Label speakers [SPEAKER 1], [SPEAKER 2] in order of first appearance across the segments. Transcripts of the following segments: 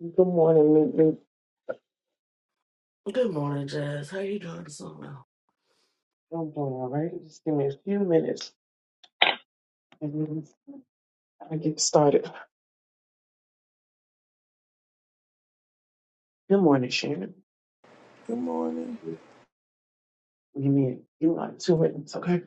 [SPEAKER 1] Good morning, Meet Me.
[SPEAKER 2] Good morning, Jazz. How you doing this morning?
[SPEAKER 1] I'm doing all right. Just give me a few minutes and then I get started. Good morning, Shannon.
[SPEAKER 3] Good morning.
[SPEAKER 1] Give me you like two minutes, okay?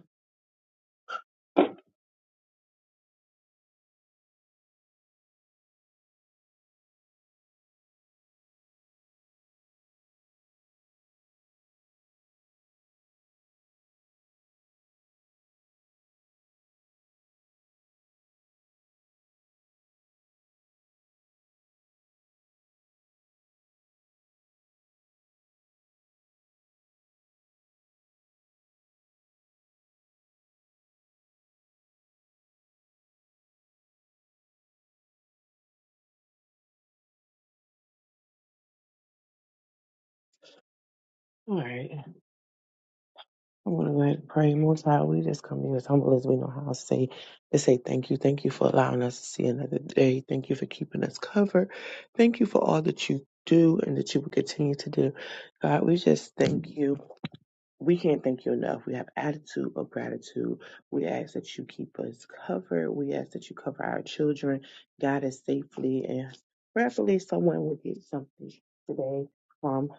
[SPEAKER 1] All right. I want to go ahead and pray. Most High, we just come here as humble as we know how to say to say thank you. Thank you for allowing us to see another day. Thank you for keeping us covered. Thank you for all that you do and that you will continue to do. God, we just thank you. We can't thank you enough. We have attitude of gratitude. We ask that you keep us covered. We ask that you cover our children, guide us safely, and prayerfully someone will get something today from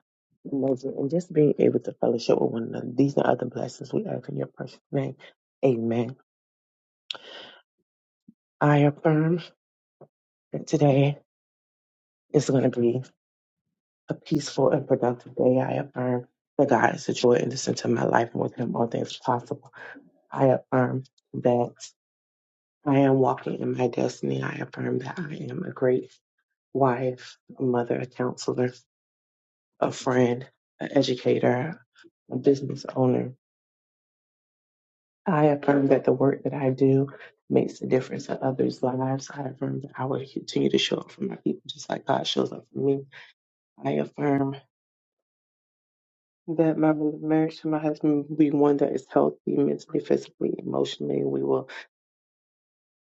[SPEAKER 1] the message and just being able to fellowship with one another. These and other blessings we ask in your precious name. Amen. I affirm that today is going to be a peaceful and productive day. I affirm that God is the joy and the center of my life, and with Him all things are possible. I affirm that. I am walking in my destiny. I affirm that I am a great wife, a mother, a counselor, a friend, an educator, a business owner. I affirm that the work that I do makes a difference in others' lives. I affirm that I will continue to show up for my people just like God shows up for me. I affirm that my marriage to my husband will be one that is healthy mentally, physically, emotionally. We will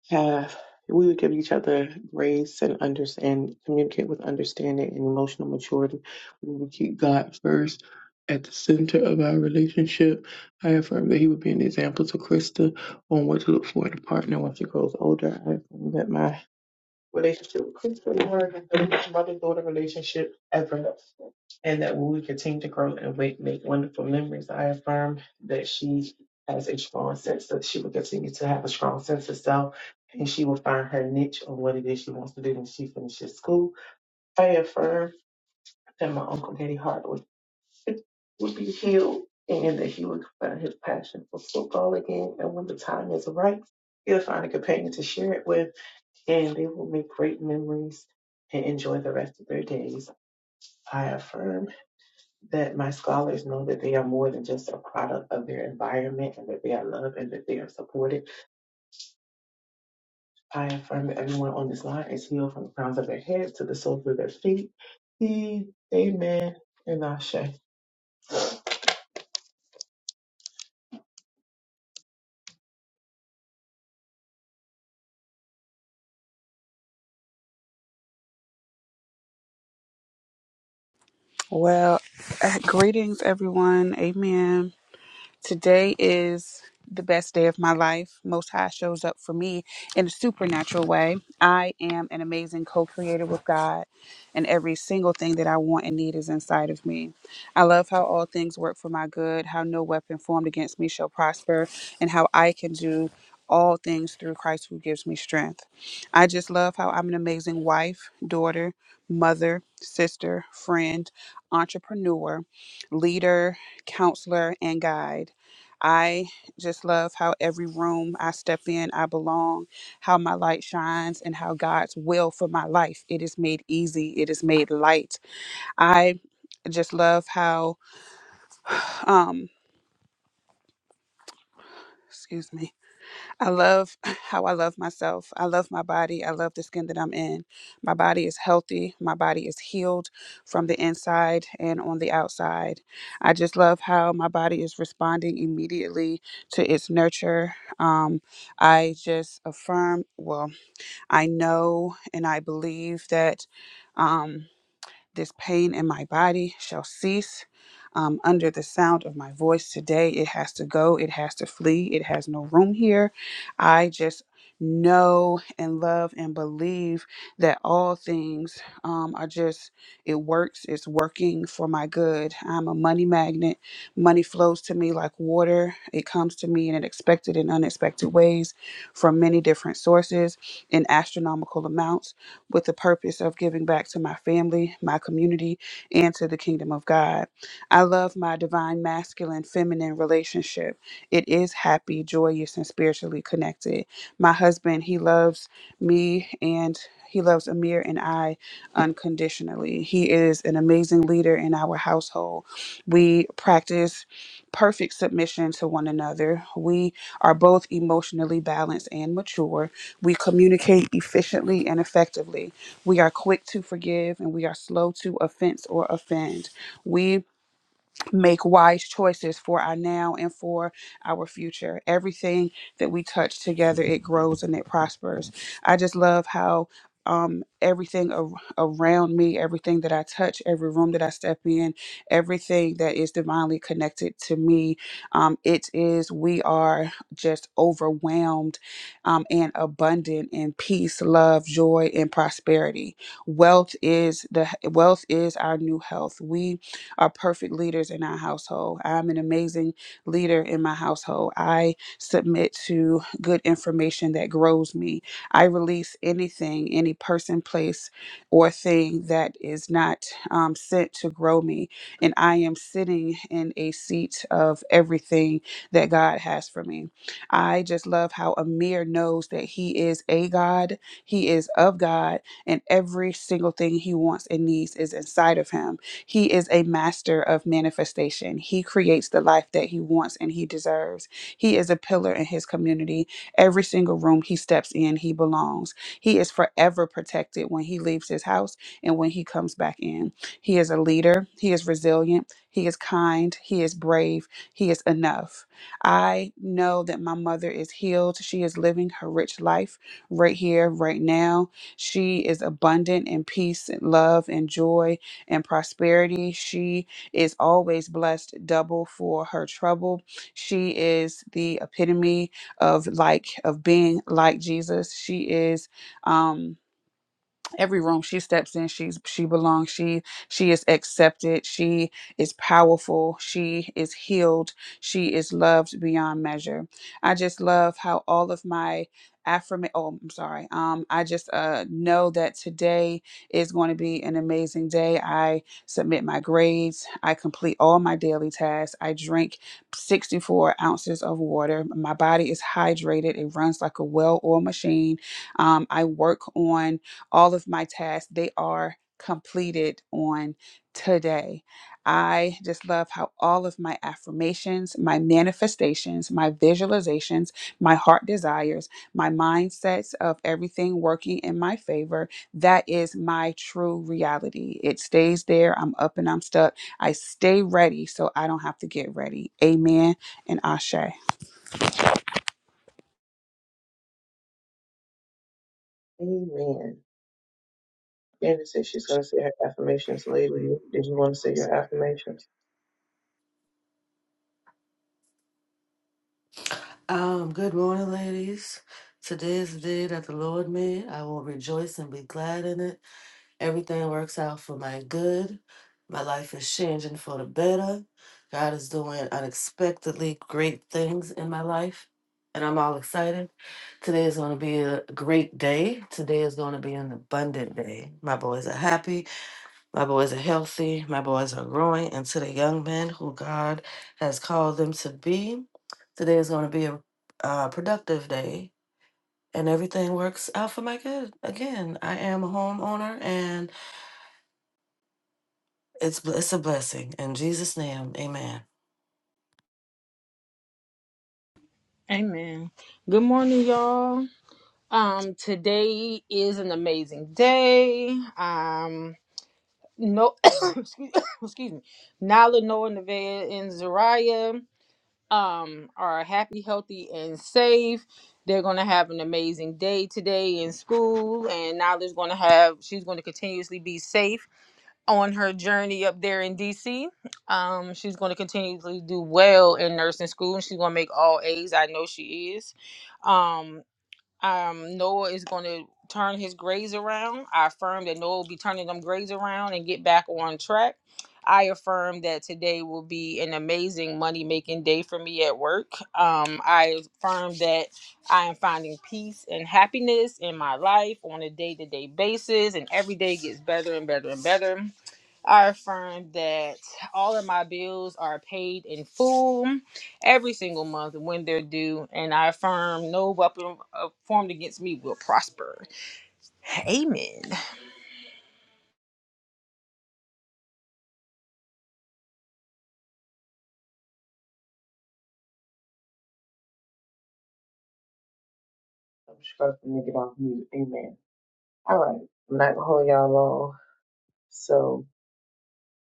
[SPEAKER 1] have we would give each other grace and understand communicate with understanding and emotional maturity. We would keep God first at the center of our relationship. I affirm that he would be an example to Krista on what to look for in a partner once she grows older. I affirm that my relationship with Christian word and the rich mother daughter relationship ever. And that we continue to grow and make, make wonderful memories. I affirm that she has a strong sense that she will continue to have a strong sense of self and she will find her niche on what it is she wants to do when she finishes school. I affirm that my Uncle Daddy Hart would, would be healed and that he would find his passion for football again. And when the time is right, he'll find a companion to share it with and they will make great memories and enjoy the rest of their days. I affirm that my scholars know that they are more than just a product of their environment and that they are loved and that they are supported. I affirm that everyone on this line is healed from the crowns of their heads to the soles of their feet. E- Amen and Ashe.
[SPEAKER 4] Well, uh, greetings, everyone. Amen. Today is the best day of my life. Most High shows up for me in a supernatural way. I am an amazing co creator with God, and every single thing that I want and need is inside of me. I love how all things work for my good, how no weapon formed against me shall prosper, and how I can do all things through Christ who gives me strength. I just love how I'm an amazing wife, daughter, mother, sister, friend, entrepreneur, leader, counselor, and guide. I just love how every room I step in, I belong, how my light shines, and how God's will for my life it is made easy, it is made light. I just love how um excuse me I love how I love myself. I love my body. I love the skin that I'm in. My body is healthy. My body is healed from the inside and on the outside. I just love how my body is responding immediately to its nurture. Um, I just affirm, well, I know and I believe that. Um, this pain in my body shall cease. Um, under the sound of my voice today, it has to go. It has to flee. It has no room here. I just know and love and believe that all things um, are just, it works. It's working for my good. I'm a money magnet. Money flows to me like water. It comes to me in expected and unexpected ways from many different sources in astronomical amounts with the purpose of giving back to my family, my community, and to the kingdom of God. I love my divine masculine feminine relationship. It is happy, joyous, and spiritually connected. My husband, he loves me and he loves Amir and I unconditionally. He is an amazing leader in our household. We practice perfect submission to one another. We are both emotionally balanced and mature we communicate efficiently and effectively. We are quick to forgive and we are slow to offense or offend. We make wise choices for our now and for our future. Everything that we touch together, it grows and it prospers. I just love how um everything ar- around me everything that i touch every room that i step in everything that is divinely connected to me um it is we are just overwhelmed um and abundant in peace love joy and prosperity wealth is the wealth is our new health we are perfect leaders in our household. I'm an amazing leader in my household. I submit to good information that grows me. I release anything, any person, place, or thing that is not um, sent to grow me. And I am sitting in a seat of everything that God has for me. I just love how Amir knows that he is a God, he is of God, and every single thing he wants and needs is inside of him. He is a master of manifestation. He creates the life that he wants and he deserves. He is a pillar in his community. Every single room he steps in, he belongs. He is forever protected when he leaves his house and when he comes back in. He is a leader. He is resilient. He is kind. He is brave. He is enough. I know that my mother is healed. She is living her rich life right here, right now. She is abundant in peace and love and joy and prosperity. She is always blessed double for her trouble. She is the epitome of like of being like Jesus. She is um every room she steps in she's she belongs she she is accepted she is powerful she is healed she is loved beyond measure i just love how all of my affirm oh i'm sorry um i just uh know that today is going to be an amazing day i submit my grades i complete all my daily tasks i drink 64 ounces of water my body is hydrated it runs like a well-oiled machine um, i work on all of my tasks they are completed on today i just love how all of my affirmations my manifestations my visualizations my heart desires my mindsets of everything working in my favor that is my true reality it stays there i'm up and i'm stuck i stay ready so i don't have to get ready amen and ashe
[SPEAKER 1] Amen. Candace said she's going to say her affirmations later. Did you want to say your affirmations?
[SPEAKER 2] Um, good morning, ladies. Today is the day that the Lord made. I will rejoice and be glad in it. Everything works out for my good. My life is changing for the better. God is doing unexpectedly great things in my life, and I'm all excited. Today is going to be a great day. Today is going to be an abundant day. My boys are happy. My boys are healthy. My boys are growing into the young men who God has called them to be. Today is going to be a uh, productive day, and everything works out for my good. Again, I am a homeowner, and it's bl- it's a blessing. In Jesus' name, Amen.
[SPEAKER 5] Amen. Good morning, y'all. Um, today is an amazing day. Um, no, excuse, excuse me. Nala, Noah, Nevaeh, and Zariah um are happy, healthy, and safe. They're gonna have an amazing day today in school, and Nala's gonna have. She's gonna continuously be safe on her journey up there in DC. Um, she's going to continually do well in nursing school. She's going to make all A's. I know she is. Um, um, Noah is going to turn his grades around. I affirm that Noah will be turning them grades around and get back on track. I affirm that today will be an amazing money making day for me at work. Um, I affirm that I am finding peace and happiness in my life on a day to day basis, and every day gets better and better and better. I affirm that all of my bills are paid in full every single month when they're due, and I affirm no weapon uh, formed against me will prosper. Amen.
[SPEAKER 1] I'm just going to make it off mute. Amen. All right. I'm not going to hold y'all long. So.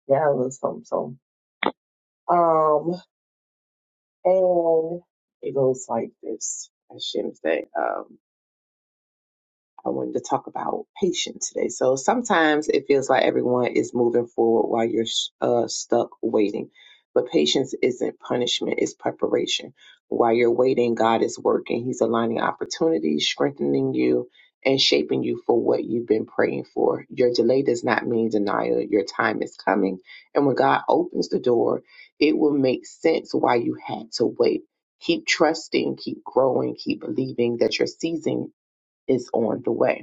[SPEAKER 1] Yeah, I love some song. Um, and it goes like this. I shouldn't say. Um. I wanted to talk about patience today. So sometimes it feels like everyone is moving forward while you're uh, stuck waiting. But patience isn't punishment, it's preparation. While you're waiting, God is working. He's aligning opportunities, strengthening you, and shaping you for what you've been praying for. Your delay does not mean denial. Your time is coming. And when God opens the door, it will make sense why you had to wait. Keep trusting, keep growing, keep believing that your season is on the way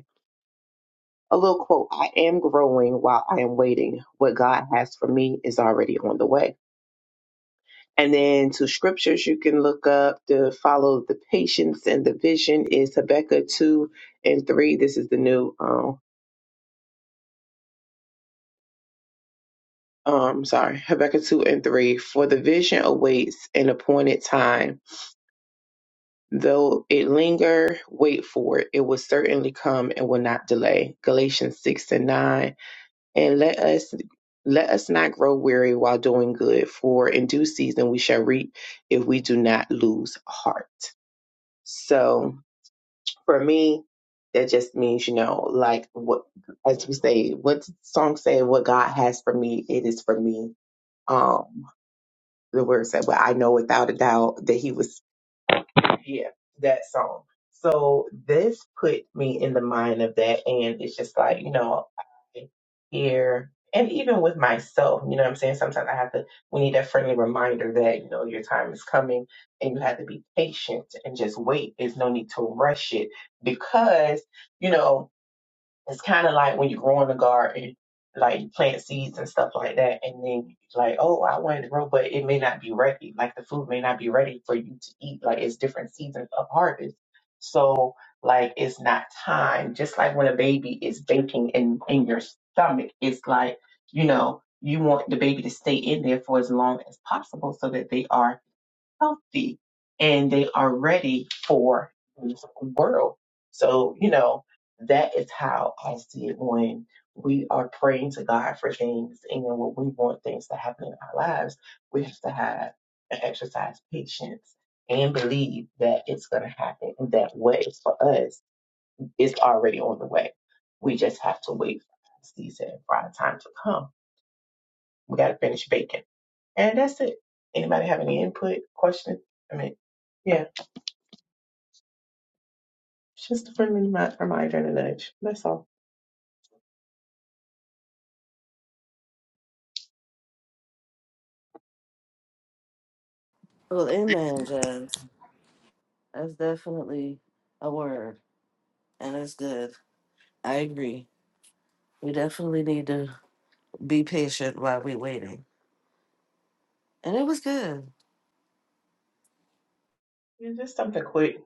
[SPEAKER 1] a little quote I am growing while I am waiting. What God has for me is already on the way. And then two scriptures you can look up to follow the patience and the vision is Habakkuk 2 and 3. This is the new, um, um, sorry, Habakkuk 2 and 3. For the vision awaits an appointed time. Though it linger, wait for it. It will certainly come and will not delay. Galatians 6 and 9. and let us let us not grow weary while doing good for in due season we shall reap if we do not lose heart so for me that just means you know like what as we say what the song say what god has for me it is for me um the word said well i know without a doubt that he was yeah, that song. So this put me in the mind of that, and it's just like you know, I hear, and even with myself, you know, what I'm saying sometimes I have to. We need that friendly reminder that you know your time is coming, and you have to be patient and just wait. There's no need to rush it because you know. It's kind of like when you're growing a garden, like you plant seeds and stuff like that, and then like, oh, I wanted to grow, but it may not be ready. Like the food may not be ready for you to eat. Like it's different seasons of harvest, so like it's not time. Just like when a baby is baking in in your stomach, it's like you know you want the baby to stay in there for as long as possible so that they are healthy and they are ready for this world. So, you know, that is how I see it when we are praying to God for things and when we want things to happen in our lives, we have to have and exercise patience and believe that it's going to happen and that what is for us is already on the way. We just have to wait for our season, for our time to come. We got to finish baking. And that's it. Anybody have any input, question? I mean, yeah. It's just a friendly me my, my adrenaline edge. That's all.
[SPEAKER 2] Well, Amen, Jazz. That's definitely a word, and it's good. I agree. We definitely need to be patient while we're waiting, and it was good.
[SPEAKER 1] Yeah, just something quick.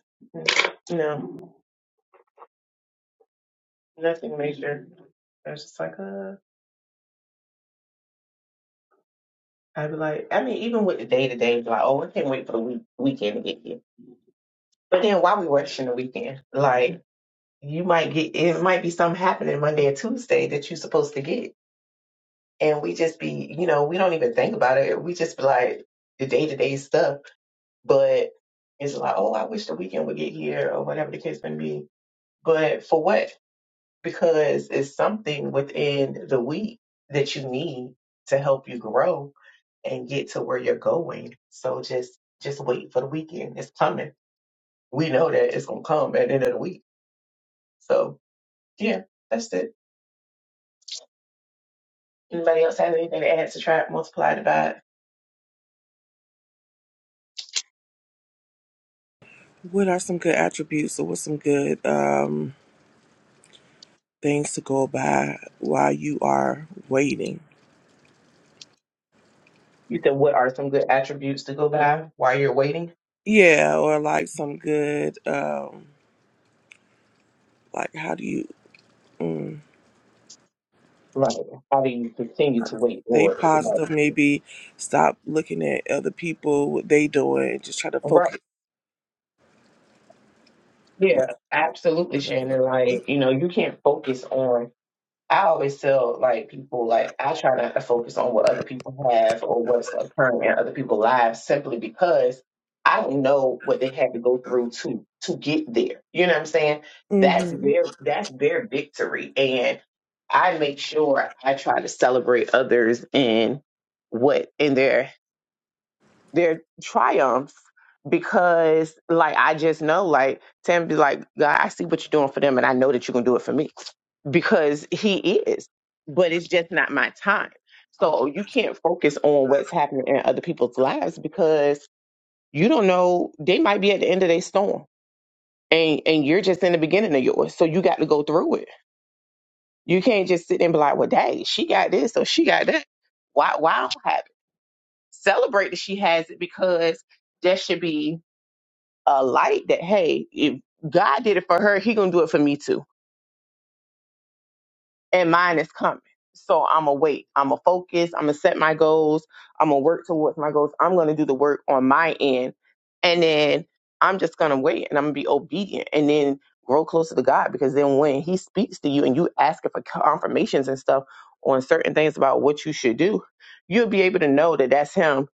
[SPEAKER 1] You know, nothing major. I was just like, uh, I'd be like, I mean, even with the day to day, like, oh, I can't wait for the week- weekend to get here. But then why we rushing the weekend? Like, you might get, it might be something happening Monday or Tuesday that you're supposed to get. And we just be, you know, we don't even think about it. We just be like, the day to day stuff. But it's like, oh, I wish the weekend would get here or whatever the case may be. But for what? because it's something within the week that you need to help you grow and get to where you're going. So just just wait for the weekend. It's coming. We know that it's gonna come at the end of the week. So yeah, that's it. Anybody else have anything to add, subtract, multiply, divide?
[SPEAKER 3] What are some good attributes or what's some good um things to go by while you are waiting?
[SPEAKER 1] You said what are some good attributes to go by while you're waiting?
[SPEAKER 3] Yeah, or like some good um like how do you mm,
[SPEAKER 1] Like How do you continue to wait
[SPEAKER 3] stay
[SPEAKER 1] for it? Right.
[SPEAKER 3] positive, maybe stop looking at other people, what they doing, just try to
[SPEAKER 1] Right.
[SPEAKER 3] focus.
[SPEAKER 1] Yeah, absolutely, Shannon. Like, you know, you can't focus on I always tell like people like I try not to focus on what other people have or what's occurring in other people's lives simply because I don't know what they had to go through to to get there. You know what I'm saying? That's
[SPEAKER 3] Mm-hmm.
[SPEAKER 1] their that's their victory. And I make sure I try to celebrate others in what in their their triumphs because like I just know like Tam be like, God, I see what you're doing for them and I know that you're gonna do it for me. Because he is. But it's just not my time. So you can't focus on what's happening in other people's lives because you don't know they might be at the end of their storm. And and you're just in the beginning of yours. So you got to go through it. You can't just sit there and be like, Well, dang, she got this, so she got that. Why why I don't have it? Celebrate that she has it because that should be a light that hey, if God did it for her, He gonna do it for me too, and mine is coming. So I'm gonna wait. I'm gonna focus. I'm gonna set my goals. I'm gonna work towards my goals. I'm gonna do the work on my end, and then I'm just gonna wait and I'm gonna be obedient, and then grow closer to God because then when He speaks to you and you asking for confirmations and stuff on certain things about what you should do, you'll be able to know that that's Him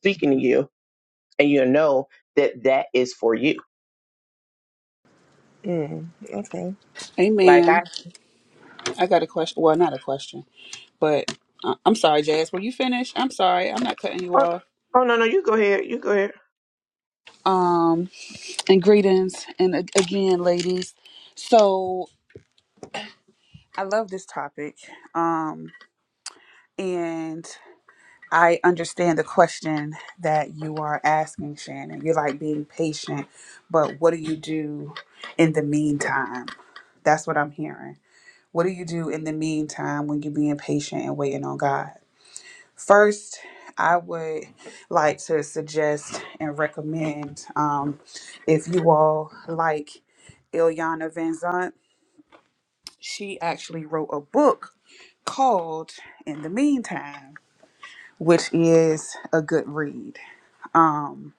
[SPEAKER 1] speaking to you, and you'll know that that is for you.
[SPEAKER 3] Mm, okay.
[SPEAKER 1] Like I.
[SPEAKER 4] amen i got a question well not a question But uh, I'm sorry, Jazz. Were you finished? I'm sorry. I'm not cutting you
[SPEAKER 1] Oh,
[SPEAKER 4] off.
[SPEAKER 1] oh no, no, you go ahead. You go ahead.
[SPEAKER 4] Um, and greetings, and a- again, ladies. So I love this topic, um, and I understand the question that you are asking, Shannon. You're like being patient, but what do you do in the meantime? That's what I'm hearing. What do you do in the meantime when you're being patient and waiting on God? First, I would like to suggest and recommend um, if you all like Ilyana Van Zant, she actually wrote a book called In the Meantime, which is a good read um,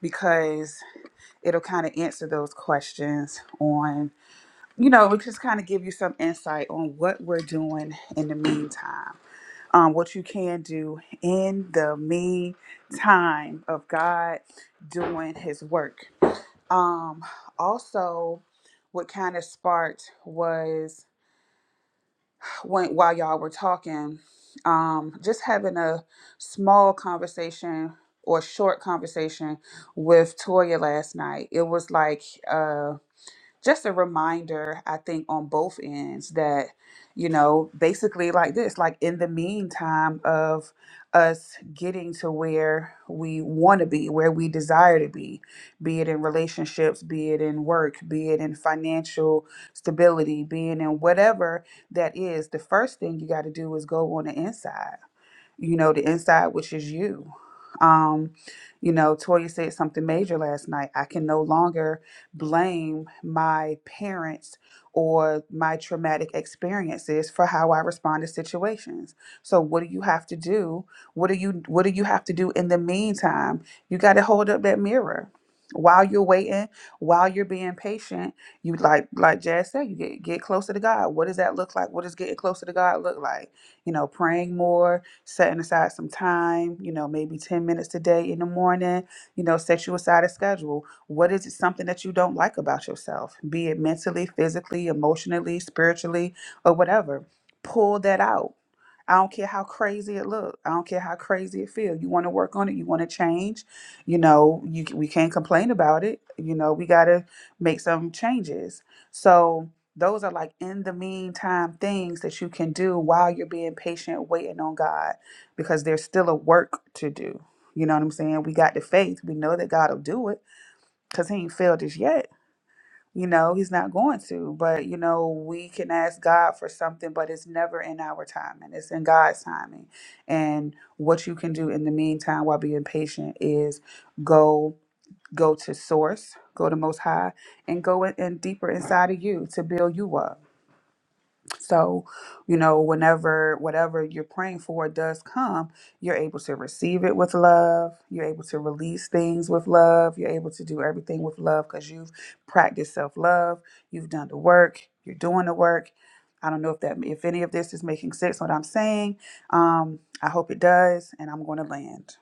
[SPEAKER 4] because it'll kind of answer those questions on, you know, it just kind of give you some insight on what we're doing in the meantime. um, what you can do in the meantime of God doing His work. Um, also, what kind of sparked was when while y'all were talking, um, just having a small conversation or short conversation with Toya last night. It was like uh, just a reminder, I think, on both ends that, you know, basically like this, like in the meantime of us getting to where we want to be, where we desire to be, be it in relationships, be it in work, be it in financial stability, be it in whatever that is, the first thing you got to do is go on the inside you know, the inside, which is you. Um, you know, Toya said something major last night. I can no longer blame my parents or my traumatic experiences for how I respond to situations. So what do you have to do? What do you what do you have to do in the meantime? You got to hold up that mirror. While you're waiting, while you're being patient, you like like Jazz said, you get get closer to God. What does that look like? What does getting closer to God look like? You know, praying more, setting aside some time, you know, maybe 10 minutes a day in the morning, you know, set you aside a schedule. What is it something that you don't like about yourself, be it mentally, physically, emotionally, spiritually, or whatever? Pull that out. I don't care how crazy it look. I don't care how crazy it feel. You want to work on it. You want to change. You know, you we can't complain about it. You know, we got to make some changes. So, those are like in the meantime things that you can do while you're being patient waiting on god because there's still a work to do you know what i'm saying we got the faith we know that god will do it because he ain't failed us yet you know he's not going to but you know we can ask god for something but it's never in our timing it's in god's timing and what you can do in the meantime while being patient is go go to source go to most high and go in, in deeper inside of you to build you up so, you know, whenever whatever you're praying for does come, you're able to receive it with love. You're able to release things with love. You're able to do everything with love because you've practiced self love. You've done the work. You're doing the work. I don't know if that if any of this is making sense what I'm saying. Um, I hope it does, and I'm going to land.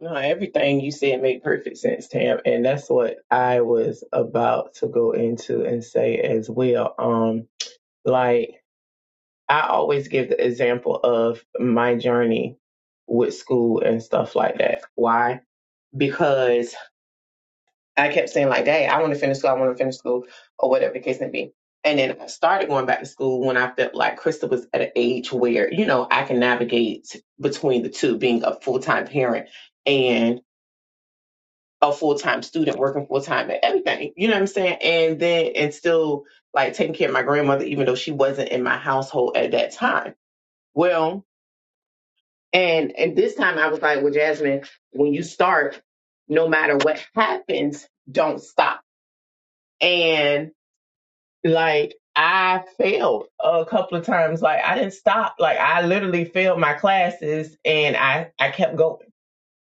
[SPEAKER 1] No, everything you said made perfect sense, Tam, and that's what I was about to go into and say as well. Um, like I always give the example of my journey with school and stuff like that. Why? Because I kept saying like, "Dad, I want to finish school. I want to finish school, or whatever the case may be." And then I started going back to school when I felt like Krista was at an age where you know I can navigate between the two, being a full time parent and a full time student, working full time at everything. You know what I'm saying? And then and still like taking care of my grandmother, even though she wasn't in my household at that time. Well, and and this time I was like, "Well, Jasmine, when you start, no matter what happens, don't stop." And like I failed a couple of times. Like I didn't stop. Like I literally failed my classes and I, I kept going.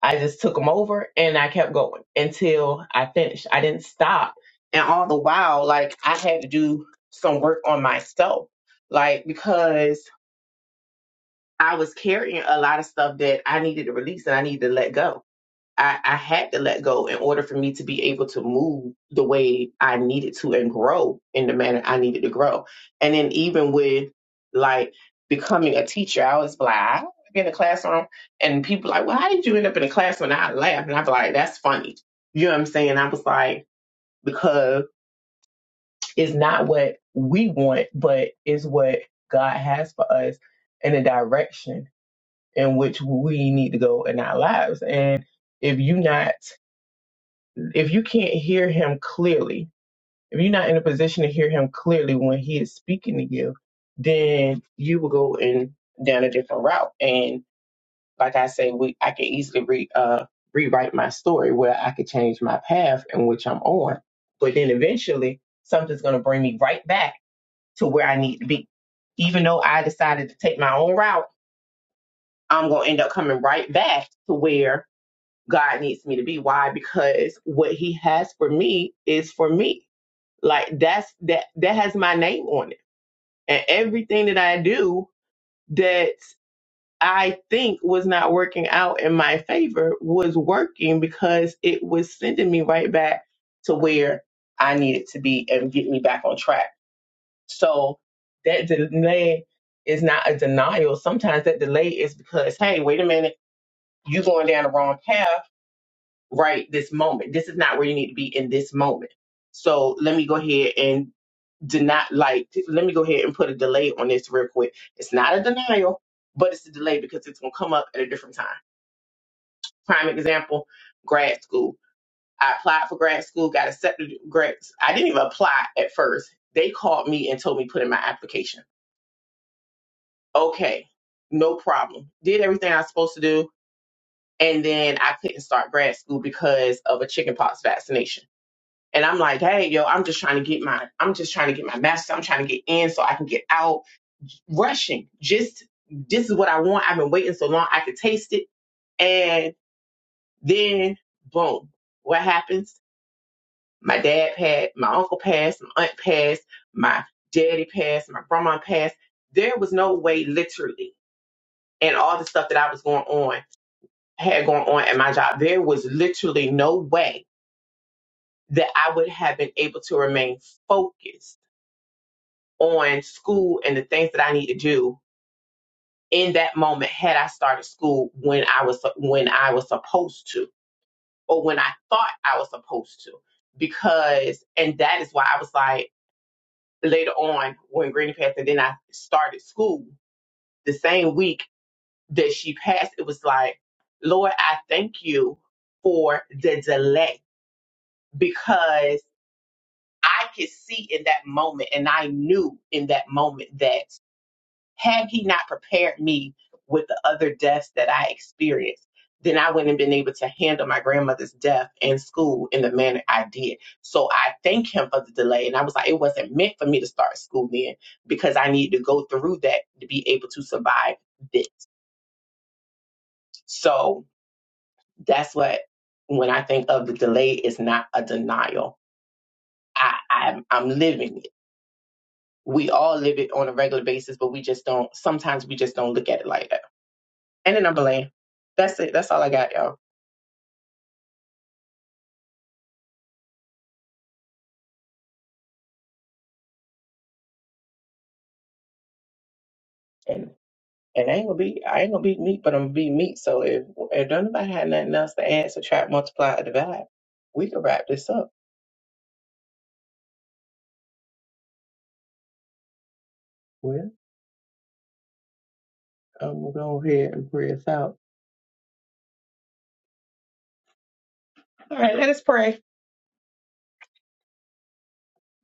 [SPEAKER 1] I just took them over and I kept going until I finished. I didn't stop. And all the while, like I had to do some work on myself. Like because I was carrying a lot of stuff that I needed to release and I needed to let go I, I had to let go in order for me to be able to move the way I needed to and grow in the manner I needed to grow. And then even with like becoming a teacher, I was like, I don't wanna be in the classroom and people like, Well, how did you end up in the classroom? And I laugh and I'd be like, That's funny. You know what I'm saying? I was like, because it's not what we want, but it's what God has for us and the direction in which we need to go in our lives. And if you not if you can't hear him clearly, if you're not in a position to hear him clearly when he is speaking to you, then you will go in down a different route. And like I say, we I can easily re, uh, rewrite my story where I could change my path in which I'm on. But then eventually, something's going to bring me right back to where I need to be. Even though I decided to take my own route, I'm going to end up coming right back to where God needs me to be. Why? Because what He has for me is for me like that's that that has my name on it. And everything that I do that I think was not working out in my favor was working because it was sending me right back to where I needed to be and get me back on track. So that delay is not a denial. Sometimes that delay is because, hey, wait a minute, you going down the wrong path right this moment. This is not where you need to be in this moment. So let me go ahead and did not like let me go ahead and put a delay on this real quick it's not a denial but it's a delay because it's going to come up at a different time prime example grad school i applied for grad school got accepted grad i didn't even apply at first they called me and told me put in my application okay no problem did everything i was supposed to do and then i couldn't start grad school because of a chickenpox vaccination and i'm like hey yo i'm just trying to get my i'm just trying to get my master i'm trying to get in so i can get out rushing. Just this is what I want. I've been waiting so long. I could taste it. And then boom, what happens? My dad passed, my uncle passed, my aunt passed, my daddy passed, my grandma passed. There was no way literally and all the stuff that I was going on had going on at my job. There was literally no way that I would have been able to remain focused on school and the things that I need to do in that moment had I started school when I was when I was supposed to or when I thought I was supposed to because and that is why I was like later on when Granny passed and then I started school the same week that she passed it was like Lord I thank you for the delay because I could see in that moment and I knew in that moment that had he not prepared me with the other deaths that I experienced, then I wouldn't have been able to handle my grandmother's death in school in the manner I did. So I thank him for the delay. And I was like, it wasn't meant for me to start school then because I needed to go through that to be able to survive this. So that's what, when I think of the delay, it's not a denial. I, I'm, I'm living it. We all live it on a regular basis, but we just don't, sometimes we just don't look at it like that. and then i land. That's it. That's all I got, y'all. And and I ain't gonna be I ain't gonna be meat, but I'm gonna be meat. So if if don't nobody had nothing else to add, subtract, multiply, or divide, we can wrap this up. Well, I'm gonna go ahead and pray us out. All right, let us pray.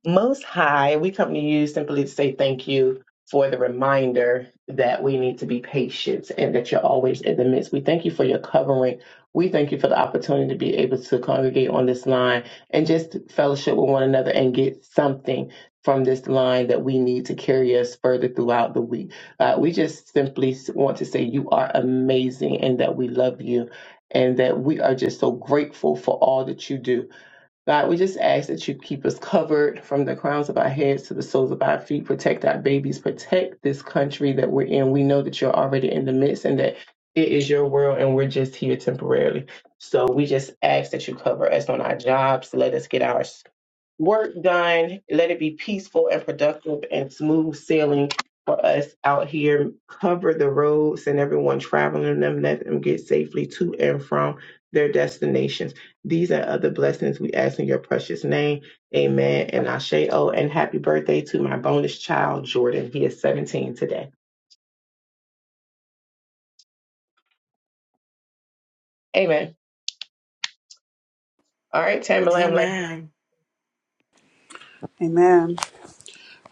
[SPEAKER 1] Most High, we come to you simply to say thank you for the reminder that we need to be patient and that you're always in the midst. We thank you for your covering. We thank you for the opportunity to be able to congregate on this line and just fellowship with one another and get something from this line that we need to carry us further throughout the week. Uh, we just simply want to say you are amazing and that we love you and that we are just so grateful for all that you do. God, we just ask that you keep us covered from the crowns of our heads to the soles of our feet. Protect our babies. Protect this country that we're in. We know that you're already in the midst and that it is your world and we're just here temporarily. So we just ask that you cover us on our jobs. Let us get our work done. Let it be peaceful and productive and smooth sailing for us out here. Cover the roads and everyone traveling in them. Let them get safely to and from their destinations. These and other blessings we ask in your precious name. Amen. And Ashe O. And happy birthday to my bonus child, Jordan. He is 17 today. Amen. All right, Tamala, I'm like,
[SPEAKER 2] Amen.
[SPEAKER 4] Amen.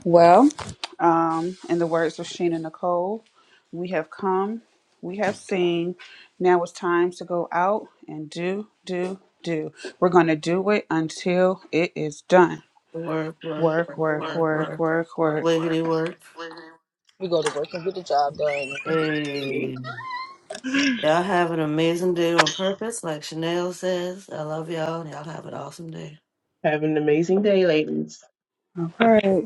[SPEAKER 4] Well, um, in the words of Sheena Nicole, we have come, we have seen. Now it's time to go out and do, do, do. We're going to do it until it is done.
[SPEAKER 2] Work, work,
[SPEAKER 4] Work,
[SPEAKER 2] work,
[SPEAKER 4] work,
[SPEAKER 2] work,
[SPEAKER 4] work,
[SPEAKER 2] work.
[SPEAKER 4] work, work.
[SPEAKER 2] Wiggity work.
[SPEAKER 5] We go to work and get the job done.
[SPEAKER 2] Hey. Y'all have an amazing day on purpose, like Chanel says. I love y'all, and y'all have an awesome day.
[SPEAKER 1] have an amazing day, ladies.
[SPEAKER 4] All right.